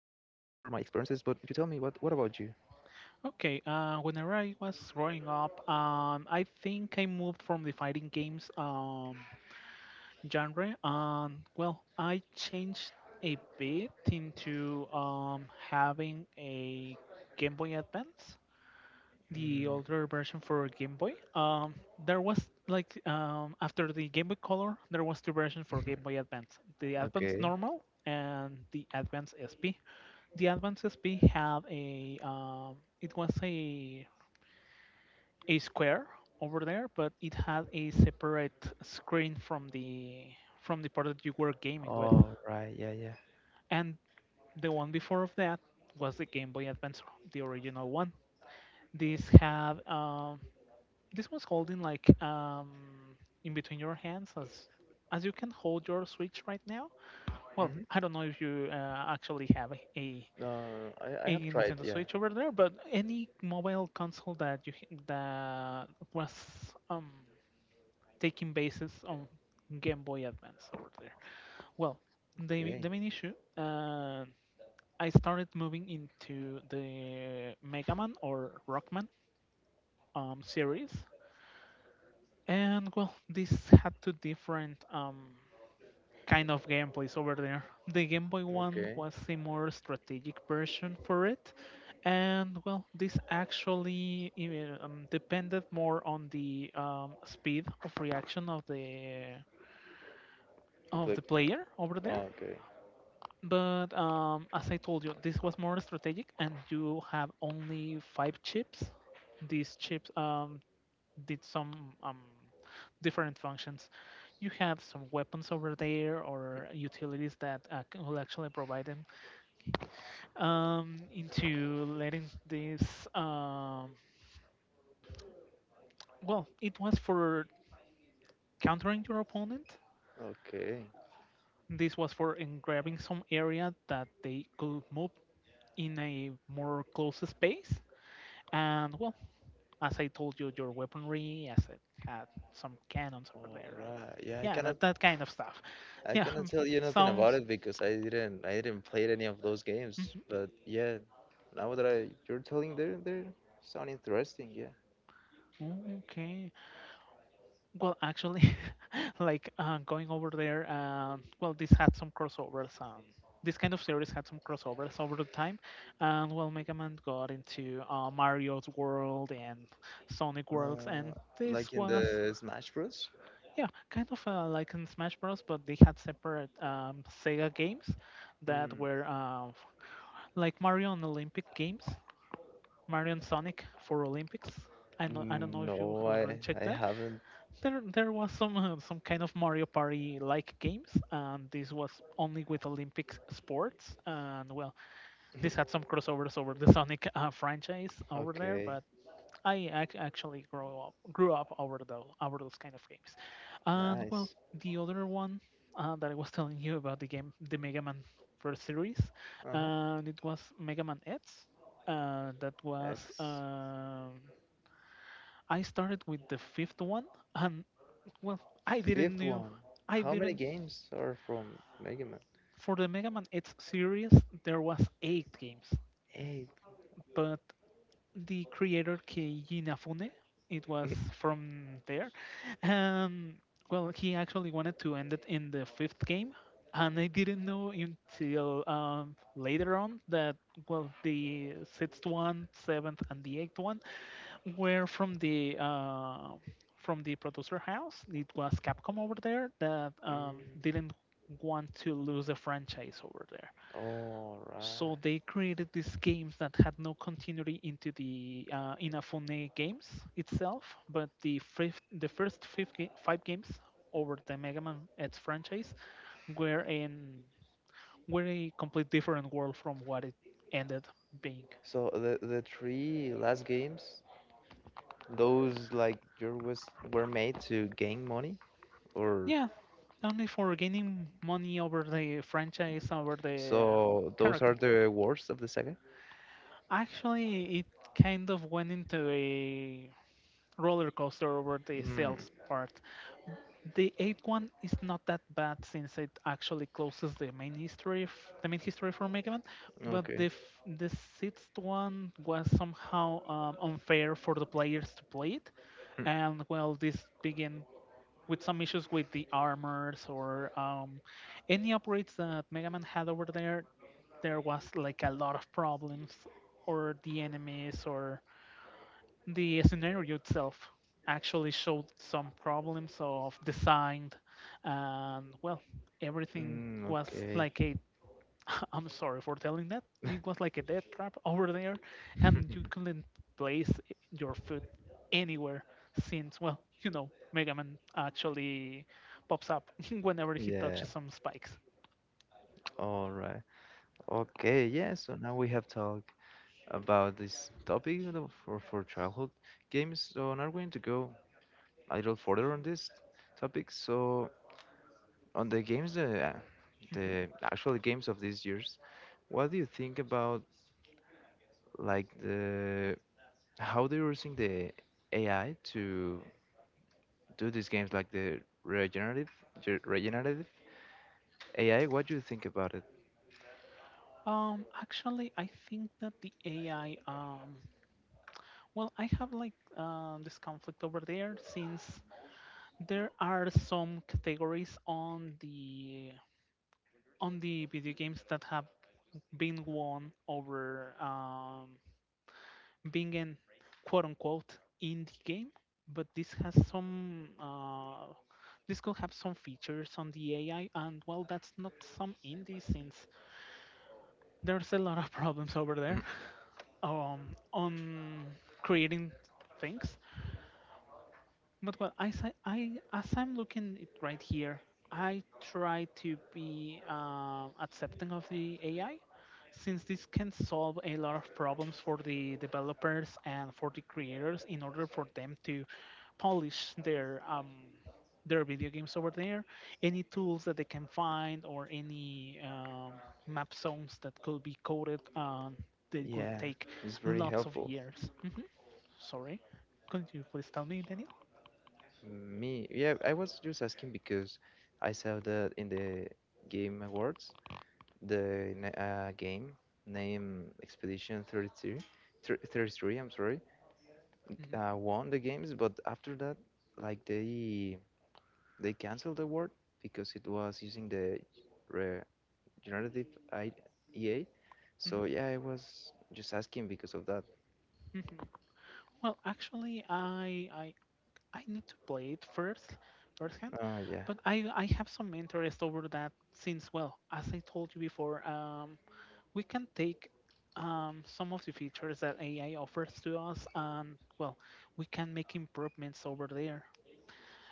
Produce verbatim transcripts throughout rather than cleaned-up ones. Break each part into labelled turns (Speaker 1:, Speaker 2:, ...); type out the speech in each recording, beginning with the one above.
Speaker 1: experiences, but you tell me what what about you?
Speaker 2: Okay. Uh, whenever I was growing up, um, I think I moved from the fighting games um genre. Um, well, I changed a bit into um having a Game Boy Advance, the
Speaker 1: Mm.
Speaker 2: older version for Game Boy. Um, there was like um after the Game Boy Color, there was two versions for Game Boy Advance: the Advance
Speaker 1: Okay.
Speaker 2: Normal and the Advance S P. The advances, we have a um, it was a a square over there, but it had a separate screen from the from the part that you were gaming with.
Speaker 1: All right. Yeah, yeah.
Speaker 2: And the one before of that was the Game Boy Advance, the original one. This had um, this was holding like um, in between your hands, as as you can hold your Switch right now. Well, I
Speaker 1: Mm-hmm.
Speaker 2: don't know if you uh, actually have a, a
Speaker 1: Uh, I I
Speaker 2: a
Speaker 1: have tried.
Speaker 2: Nintendo
Speaker 1: Yeah.
Speaker 2: Switch over there, but any mobile console that you h- that was um taking basis on Game Boy Advance over there. Well, the the
Speaker 1: Okay.
Speaker 2: main issue, uh, I started moving into the Mega Man or Rockman um series, and well, this had two different um kind of gameplays over there. The Game Boy one
Speaker 1: Okay.
Speaker 2: was a more strategic version for it, and well, this actually uh, um, depended more on the um, speed of reaction of the
Speaker 1: It's
Speaker 2: of the
Speaker 1: like
Speaker 2: player over there.
Speaker 1: oh, okay.
Speaker 2: But um, as I told you, this was more strategic, and you have only five chips. These chips um, did some um, different functions. You have some weapons over there or utilities that uh, c- will actually provide them, um, into letting this. Um, well, it was for countering your opponent.
Speaker 1: Okay.
Speaker 2: This was for in grabbing some area that they could move in a more close space. And well, as I told you, your weaponry, as it had some cannons over
Speaker 1: All
Speaker 2: there, and
Speaker 1: right. Yeah, I
Speaker 2: yeah,
Speaker 1: cannot
Speaker 2: that, that kind of stuff.
Speaker 1: I
Speaker 2: Yeah,
Speaker 1: cannot
Speaker 2: um,
Speaker 1: tell you nothing about
Speaker 2: sounds.
Speaker 1: it because I didn't I didn't play any of those games.
Speaker 2: Mhm.
Speaker 1: But yeah, now that I you're telling they're they're sound interesting. Yeah.
Speaker 2: Oh, okay. Well, actually, like uh, going over there, uh, well, this had some crossovers. Um, this kind of series had some crossovers over the time, and well, Mega Man got into uh, Mario's world and Sonic worlds, and
Speaker 1: Uh,
Speaker 2: this
Speaker 1: like in
Speaker 2: was
Speaker 1: the Smash Bros.
Speaker 2: yeah, kind of uh, like in Smash Bros. But they had separate um, Sega games that
Speaker 1: Mm.
Speaker 2: were uh, like Mario and Olympic games, Mario and Sonic for Olympics. I know, I don't know
Speaker 1: Mm,
Speaker 2: if you
Speaker 1: no,
Speaker 2: have already
Speaker 1: I
Speaker 2: checked
Speaker 1: I
Speaker 2: that.
Speaker 1: haven't.
Speaker 2: There, there was some uh, some kind of Mario Party like games, and this was only with Olympic sports. And well, this had some crossovers over the Sonic uh, franchise over there,
Speaker 1: Okay,
Speaker 2: but I ac- actually grew up grew up over the over those kind of games. And well,
Speaker 1: nice.
Speaker 2: the other one uh, that I was telling you about the game, the Mega Man first series,
Speaker 1: Uh-huh.
Speaker 2: and it was Mega Man X. Uh, that was
Speaker 1: X
Speaker 2: um, I started with the fifth one, and well, I didn't
Speaker 1: fifth
Speaker 2: knew.
Speaker 1: one.
Speaker 2: I
Speaker 1: How many
Speaker 2: didn't.
Speaker 1: games are from Mega Man?
Speaker 2: For the Mega Man X series, there was eight games,
Speaker 1: Eight.
Speaker 2: but the creator Keiji Inafune, it was from there, and well, he actually wanted to end it in the fifth game, and I didn't know until um, later on that, well, the sixth one, seventh, and the eighth one were from the uh, from the producer house. It was Capcom over there that um,
Speaker 1: Mm,
Speaker 2: didn't want to lose the franchise over there,
Speaker 1: all
Speaker 2: so
Speaker 1: right.
Speaker 2: they created these games that had no continuity into the uh, Inafune games itself. But the fifth, the first five, ga- five games over the Mega Man X franchise were in were a complete different world from what it ended being.
Speaker 1: So the the three last games, those like your was were made to gain money, or
Speaker 2: Yeah, only for gaining money over the franchise, over the
Speaker 1: so those are
Speaker 2: character.
Speaker 1: the worst of the saga.
Speaker 2: Actually, it kind of went into a roller coaster over the
Speaker 1: Mm,
Speaker 2: sales part. The eighth one is not that bad since it actually closes the main history, f- the main history for Mega Man, but the
Speaker 1: okay.
Speaker 2: f- the sixth one was somehow um, unfair for the players to play it, and well, this began with some issues with the armors or um, any upgrades that Mega Man had over there. There was like a lot of problems, or the enemies, or the scenario itself actually showed some problems of design, and well, everything
Speaker 1: Mm,
Speaker 2: was
Speaker 1: okay.
Speaker 2: like a I'm sorry for telling that. It was like a death trap over there, and you couldn't place your foot anywhere since, well, you know, Mega Man actually pops up whenever he
Speaker 1: Yeah.
Speaker 2: touches some spikes.
Speaker 1: All right. Okay, yeah, so now we have talked about this topic you know, for, for childhood games. So now we're going to go a little further on this topic. So on the games, the, uh,
Speaker 2: hmm
Speaker 1: the actual games of these years, what do you think about like the how they're using the A I to do these games, like the regenerative ge- regenerative A I? What do you think about it?
Speaker 2: Um, actually, I think that the A I, um, well, I have like uh, this conflict over there since there are some categories on the on the video games that have been won over um, being an quote unquote indie game, but this has some uh, this could have some features on the A I, and well, that's not some indie since there's a lot of problems over there, um, on creating things. But well, I, si- I as I'm looking it right here, I try to be um, accepting of the A I, since this can solve a lot of problems for the developers and for the creators in order for them to polish their um, their video games over there. Any tools that they can find, or any um, map zones that could be coded, um, they will
Speaker 1: Yeah,
Speaker 2: take
Speaker 1: it's very
Speaker 2: lots of
Speaker 1: helpful.
Speaker 2: years. hmm Sorry, could you please tell me, Daniel?
Speaker 1: Me, yeah, I was just asking because I saw that in the Game Awards, the na- uh, game named Expedition thirty-three, thir- thirty-three, I'm sorry,
Speaker 2: Mm-hmm.
Speaker 1: uh, won the games, but after that, like they they canceled the award because it was using the re- generative I E A.
Speaker 2: Mhm,
Speaker 1: So yeah, I was just asking because of that.
Speaker 2: mhm. Well, actually, I I I need to play it first, firsthand,
Speaker 1: Ah, yeah,
Speaker 2: but I I have some interest over that since, well, as I told you before, um, we can take um some of the features that A I offers to us, and well, we can make improvements over there.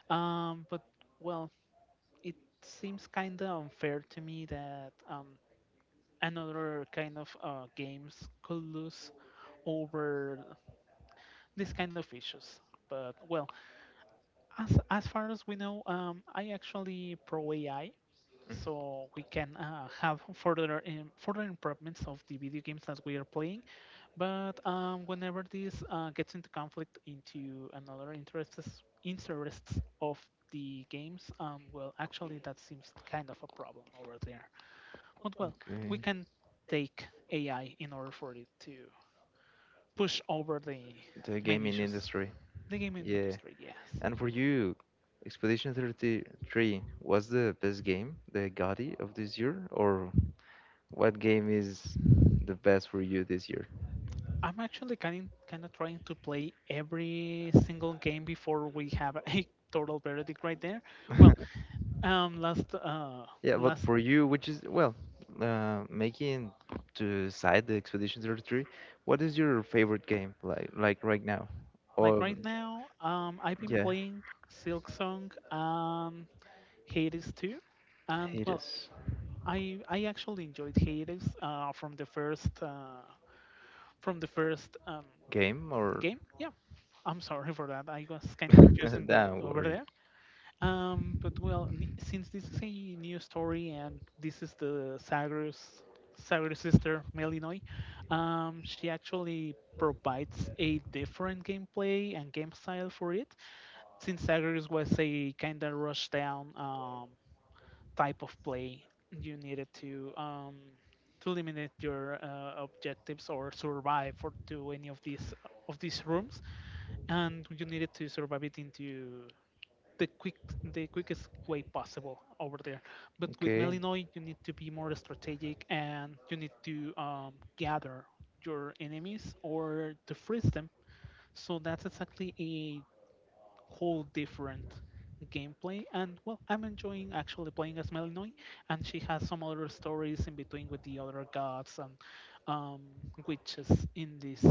Speaker 2: Um, but well, it seems kind of unfair to me that um another kind of uh games could lose over these kind of issues. But well, as as far as we know, um, I actually pro A I, so we can uh, have further, um, further improvements of the video games that we are playing. But um, whenever this uh, gets into conflict into another interests interests of the games, um, well, actually that seems kind of a problem over there. But well, we
Speaker 1: okay.
Speaker 2: can take A I in order for it to push over the
Speaker 1: The
Speaker 2: main
Speaker 1: gaming
Speaker 2: issues,
Speaker 1: industry.
Speaker 2: the gaming
Speaker 1: Yeah.
Speaker 2: industry, yes.
Speaker 1: And for you, Expedition thirty-three was the best game, the GOTY of this year, or what game is the best for you this year?
Speaker 2: I'm actually kind kind of trying to play every single game before we have a total verdict right there. Well, um, last uh,
Speaker 1: Yeah, but
Speaker 2: last
Speaker 1: for you, which is, well, uh, making to side the Expedition thirty-three, what is your favorite game like like right now?
Speaker 2: like
Speaker 1: Or
Speaker 2: right now, um, I've been
Speaker 1: yeah,
Speaker 2: playing Silk Song and Hades two, and
Speaker 1: hate
Speaker 2: well,
Speaker 1: is
Speaker 2: I I actually enjoyed Hades uh, from the first uh, from the first um,
Speaker 1: game or
Speaker 2: game. Yeah, I'm sorry for that. I was kind of confusing there
Speaker 1: don't
Speaker 2: over
Speaker 1: worry.
Speaker 2: there. Um, but well, n- since this is a new story and this is the Sagres Sagres sister Melinoi, um, she actually provides a different gameplay and game style for it. Since Sagres was a kind of rush down um, type of play, you needed to um, to eliminate your uh, objectives or survive for to any of these of these rooms, and you needed to survive it into the quick the quickest way possible over there. But with
Speaker 1: Okay.
Speaker 2: Malinois, you need to be more strategic and you need to um, gather your enemies or to freeze them. So that's exactly a whole different gameplay. And well, I'm enjoying actually playing as Malinois, and she has some other stories in between with the other gods and um, witches in this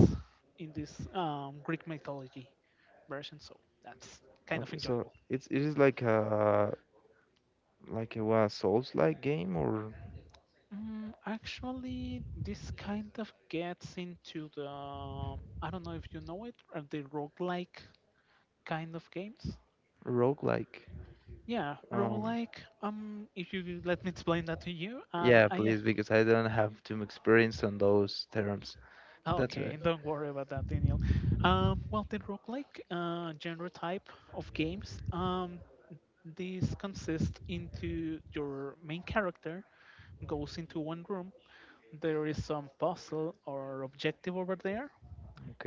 Speaker 2: in this um, Greek mythology version. So that's kind of
Speaker 1: Okay. So
Speaker 2: enjoyable.
Speaker 1: it's it is like a like a what Souls-like game or
Speaker 2: Mm, actually, this kind of gets into the, I don't know if you know it, are the roguelike kind of games.
Speaker 1: roguelike?
Speaker 2: Yeah,
Speaker 1: Um.
Speaker 2: roguelike. Um, if you let me explain that to you, and
Speaker 1: Yeah,
Speaker 2: I
Speaker 1: please, because I don't have too much experience on those terms. That's
Speaker 2: okay,
Speaker 1: right.
Speaker 2: don't worry about that, Daniel. Um, well, the roguelike uh, genre type of games. Um, this consists into your main character goes into one room. There is some puzzle or objective over there.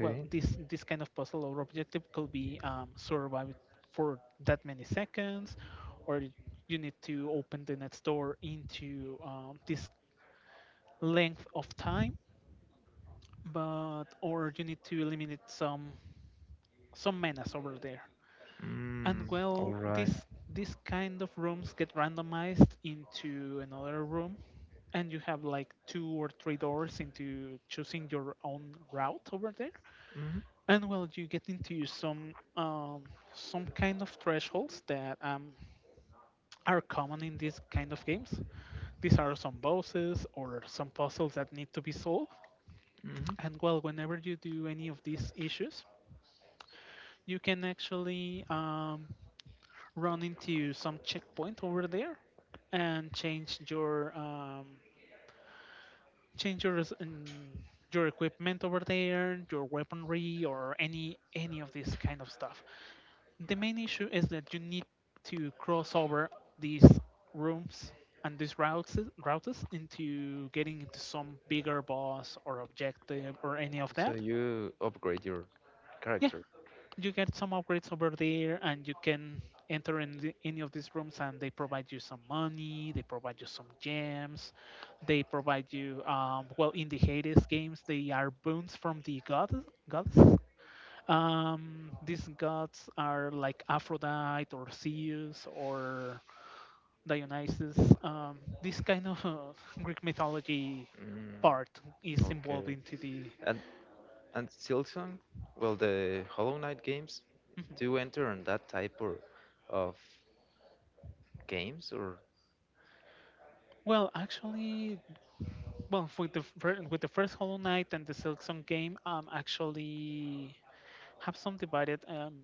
Speaker 2: Well, this this kind of puzzle or objective could be um, survived for that many seconds, or y- you need to open the next door into um, this length of time, but or you need to eliminate some some menace over there.
Speaker 1: Mm,
Speaker 2: And
Speaker 1: all
Speaker 2: well,
Speaker 1: right.
Speaker 2: this this kind of rooms get randomized into another room, and you have like two or three doors into choosing your own route over there.
Speaker 1: Mm-hmm.
Speaker 2: And well, you get into some um, some kind of thresholds that um, are common in these kind of games. These are some bosses or some puzzles that need to be solved,
Speaker 1: Mm-hmm.
Speaker 2: and well, whenever you do any of these issues, you can actually um, run into some checkpoint over there, and change your, um, change your res- mm, your equipment over there, your weaponry, or any any of this kind of stuff. The main issue is that you need to cross over these rooms and these routes routes into getting into some bigger boss or objective or any of
Speaker 1: So
Speaker 2: that.
Speaker 1: you upgrade your
Speaker 2: Yeah,
Speaker 1: character.
Speaker 2: you get some upgrades over there, and you can enter in the, any of these rooms, and they provide you some money, they provide you some gems, they provide you um, well, in the Hades games they are boons from the goddess goddess um, These gods are like Aphrodite or Zeus or Dionysus. Um, this kind of Greek mythology
Speaker 1: Mm,
Speaker 2: part is involved
Speaker 1: okay.
Speaker 2: into the.
Speaker 1: And and Silksong, well, the Hollow Knight games
Speaker 2: Mhm.
Speaker 1: do enter on that type or, of games or
Speaker 2: Well, actually, well, with the fir- With the first Hollow Knight and the Silk Song game, um, actually have some divided um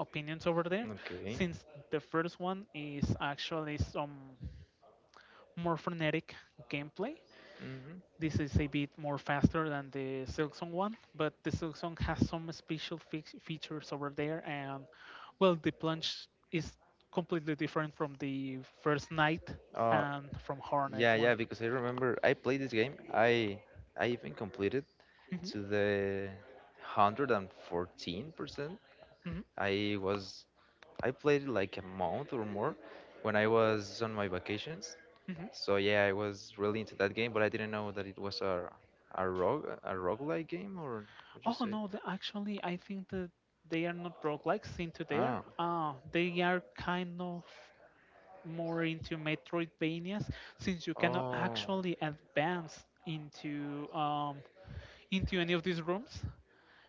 Speaker 2: opinions over there,
Speaker 1: okay.
Speaker 2: since the first one is actually some more frenetic gameplay.
Speaker 1: Hmm.
Speaker 2: This is a bit more faster than the Silksong one, but the Silksong has some special fix- features over there, and well, the plunge is completely different from the first night
Speaker 1: Uh,
Speaker 2: and from Hornet
Speaker 1: yeah, yeah.
Speaker 2: one.
Speaker 1: Because I remember I played this game. I I even completed
Speaker 2: Hmm
Speaker 1: to the hundred and fourteen percent.
Speaker 2: hmm
Speaker 1: I was I played it like a month or more when I was on my vacations.
Speaker 2: hmm
Speaker 1: So yeah, I was really into that game, but I didn't know that it was a a rogue a roguelike game or what you
Speaker 2: Oh
Speaker 1: say?
Speaker 2: no, the, actually, I think that they are not roguelikes into there.
Speaker 1: Ah,
Speaker 2: Uh, they are kind of more into Metroidvanias, since you cannot
Speaker 1: oh,
Speaker 2: actually advance into um, into any of these rooms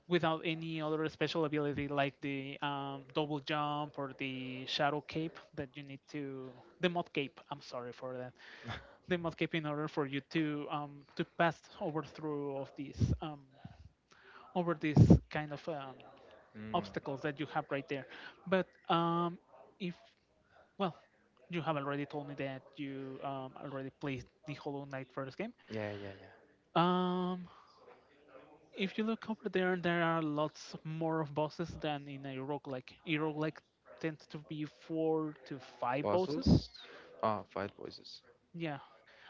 Speaker 2: without any other special ability like the um, double jump or the shadow cape that you need to the mod cape I'm sorry for that The mod cape in order for you to um, to pass over through of these um, over these kind of um,
Speaker 1: mm,
Speaker 2: obstacles that you have right there. But um, if well you have already told me that you um, already played the Hollow Knight first game.
Speaker 1: yeah, yeah, yeah.
Speaker 2: Um, if you look over there, there are lots more of bosses than in a roguelike. A roguelike tends to be four to five bosses.
Speaker 1: Puzzles. Ah, five voices.
Speaker 2: Yeah,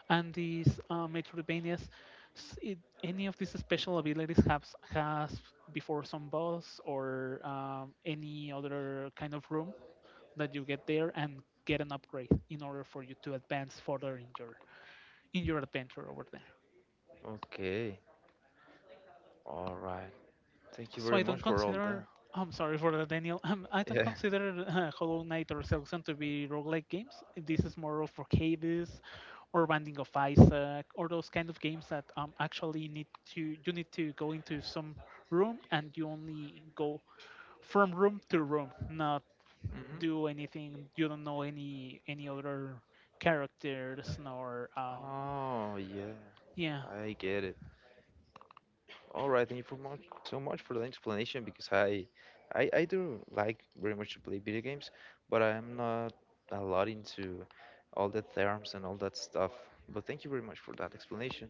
Speaker 2: and these uh, Metroidvanias, s- it, any of these special abilities has has before some boss or um, any other kind of room that you get there and get an upgrade in order for you to advance further in your in your adventure over there.
Speaker 1: Okay. All right. Thank you
Speaker 2: So
Speaker 1: very
Speaker 2: I
Speaker 1: much
Speaker 2: don't
Speaker 1: for all that.
Speaker 2: consider. I'm sorry for that, Daniel. Um, I don't
Speaker 1: Yeah.
Speaker 2: consider uh, Hollow Knight or Silksong to be roguelike games. This is more of for Hades or Binding of Isaac or those kind of games that um, actually need to you need to go into some room and you only go from room to room, not do
Speaker 1: Hmm.
Speaker 2: anything. You don't know any any other characters nor um
Speaker 1: Oh, yeah.
Speaker 2: yeah.
Speaker 1: I get it. All right. Thank you for much, so much for the explanation because I, I, I do like very much to play video games, but I'm not a lot into all the terms and all that stuff. But thank you very much for that explanation.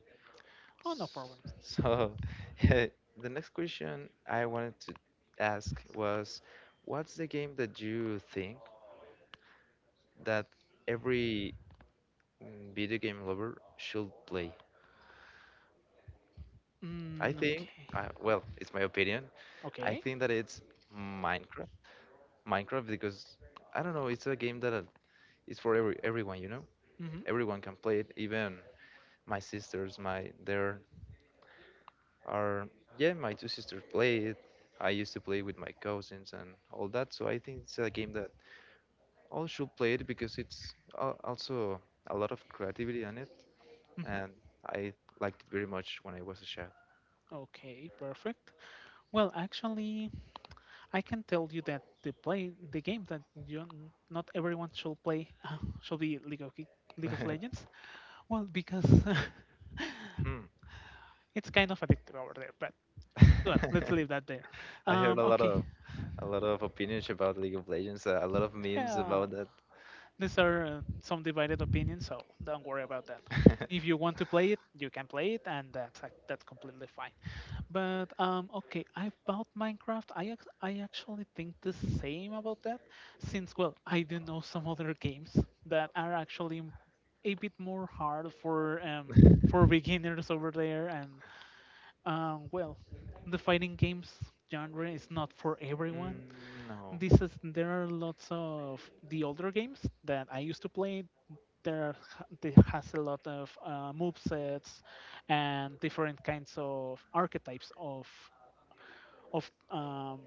Speaker 2: Oh, no
Speaker 1: S-
Speaker 2: problem.
Speaker 1: So, the next question I wanted to ask was, what's the game that you think? That every mm, video game lover should play. I
Speaker 2: Mm,
Speaker 1: think,
Speaker 2: okay.
Speaker 1: uh, well, it's my opinion. I
Speaker 2: Okay.
Speaker 1: think that it's Minecraft. Minecraft because I don't know, it's a game that uh, is for every everyone, you know.
Speaker 2: Mhm.
Speaker 1: Everyone can play it. Even my sisters, my there are yeah, my two sisters play it. I used to play with my cousins and all that. So I think it's a game that all should play it because it's al- also a lot of creativity on it and I liked it very much when I was a chef.
Speaker 2: Okay, perfect. Well, actually, I can tell you that the play the game that you n- not everyone should play should be League of Ki- League of Legends. Well, because
Speaker 1: Hmm.
Speaker 2: it's kind of addictive over there. But well, let's leave that there.
Speaker 1: I heard
Speaker 2: Um,
Speaker 1: a lot
Speaker 2: okay,
Speaker 1: of a lot of opinions about League of Legends, uh, a lot of memes
Speaker 2: yeah,
Speaker 1: about that.
Speaker 2: these are uh, some divided opinions, so don't worry about that. If you want to play it, you can play it, and that's uh, that's completely fine. But um, Okay, about Minecraft, I ac I actually think the same about that, since well, I do know some other games that are actually m- a bit more hard for um for beginners over there, and um well, the fighting games genre is not for everyone.
Speaker 1: Mm, no,
Speaker 2: This is There are lots of the older games that I used to play. There ha- they has a lot of uh, move sets and different kinds of archetypes of of um,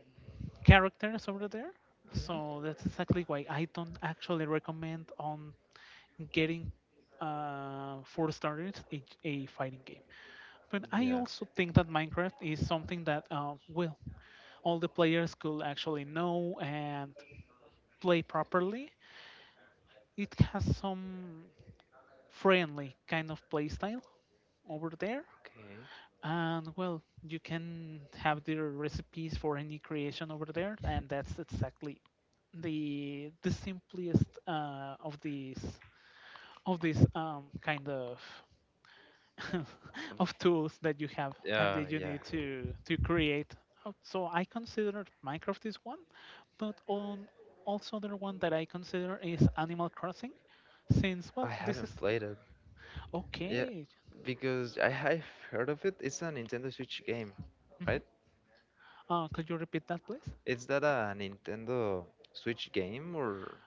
Speaker 2: characters over there.
Speaker 1: mhm.
Speaker 2: So that's exactly why I don't actually recommend on getting uh, for starters a, a fighting game. But I
Speaker 1: Yeah,
Speaker 2: also think that Minecraft is something that uh, well, all the players could actually know and play properly. It has some friendly kind of playstyle over there.
Speaker 1: okay.
Speaker 2: And well, you can have their recipes for any creation over there, and that's exactly the the simplest uh, of these of these um, kind of of tools that you have and
Speaker 1: Uh,
Speaker 2: that you
Speaker 1: yeah,
Speaker 2: need to to create. Uh, So I consider Minecraft is one, but on also other one that I consider is Animal Crossing, since well
Speaker 1: I
Speaker 2: this
Speaker 1: haven't
Speaker 2: is
Speaker 1: played it. Yeah,
Speaker 2: okay.
Speaker 1: because I have heard of it. It's a Nintendo Switch game, right?
Speaker 2: hmm Uh, could you repeat that, please?
Speaker 1: Is that a Nintendo Switch game or?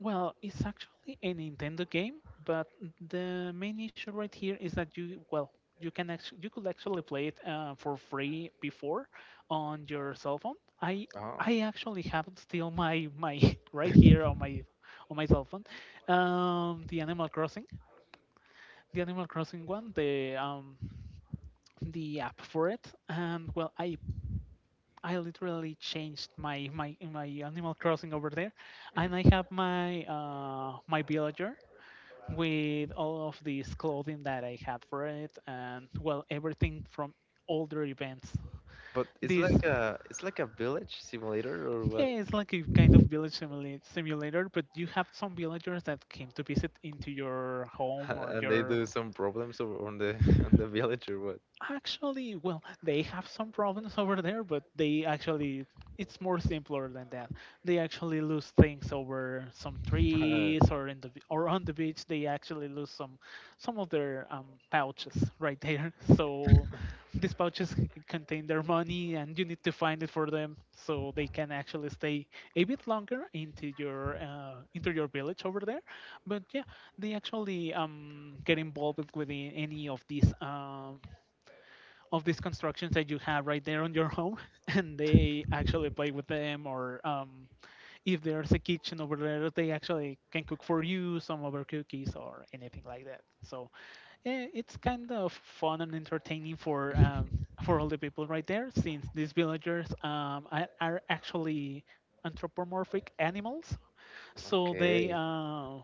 Speaker 2: Well, it's actually a Nintendo game, but the main issue right here is that you, well, you can actually you could actually play it uh, for free before on your cell phone. I
Speaker 1: Oh,
Speaker 2: I actually have still my my right here on my on my cell phone, um, the Animal Crossing, the Animal Crossing one, the um the app for it, and well, I I literally changed my my my Animal Crossing over there, and I have my uh my villager with all of this clothing that I had for it, and well, everything from older events.
Speaker 1: but it's
Speaker 2: This,
Speaker 1: like a it's like a village simulator or what?
Speaker 2: yeah, it's like a kind of village simula- simulator, but you have some villagers that came to visit into your home or
Speaker 1: And they
Speaker 2: your.
Speaker 1: do some problems o- on the on the village or what?
Speaker 2: Actually, well, they have some problems over there, but they actually it's more simpler than that. They actually lose things over some trees or in the b- or on the beach. They actually lose some some of their um, pouches right there. So these pouches c- contain their money, and you need to find it for them so they can actually stay a bit longer into your uh, into your village over there. But yeah, they actually um, get involved with the, any of these um, of these constructions that you have right there on your home, and they actually play with them or um, if there's a kitchen over there, they actually can cook for you some of other cookies or anything like that. So eh, it's kind of fun and entertaining for um, for all the people right there, since these villagers um, are, are actually anthropomorphic animals, so they
Speaker 1: Okay.
Speaker 2: uh,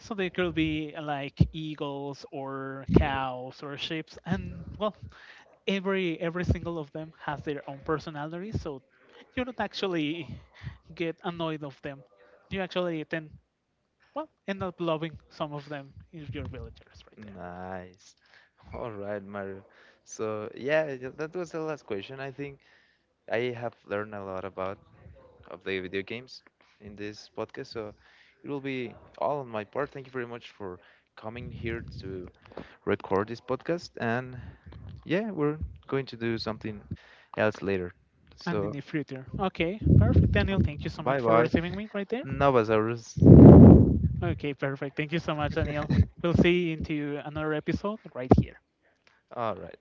Speaker 2: so they could be uh, like eagles or cows or sheep, and well, every every single of them has their own personality. So you don't actually get annoyed of them. You actually then well end up loving some of them if you're villagers right there.
Speaker 1: Nice. All right, Mario. So yeah, th- that was the last question. I think I have learned a lot about of the video games in this podcast. So it will be all on my part. Thank you very much for coming here to record this podcast. And yeah, we're going to do something else later.
Speaker 2: And in
Speaker 1: So
Speaker 2: the future, okay, perfect, Daniel. Thank you so much
Speaker 1: bye
Speaker 2: for
Speaker 1: bye,
Speaker 2: receiving me right there.
Speaker 1: Novasaurus.
Speaker 2: Okay, perfect. Thank you so much, Daniel. We'll see you into another episode right here.
Speaker 1: All right.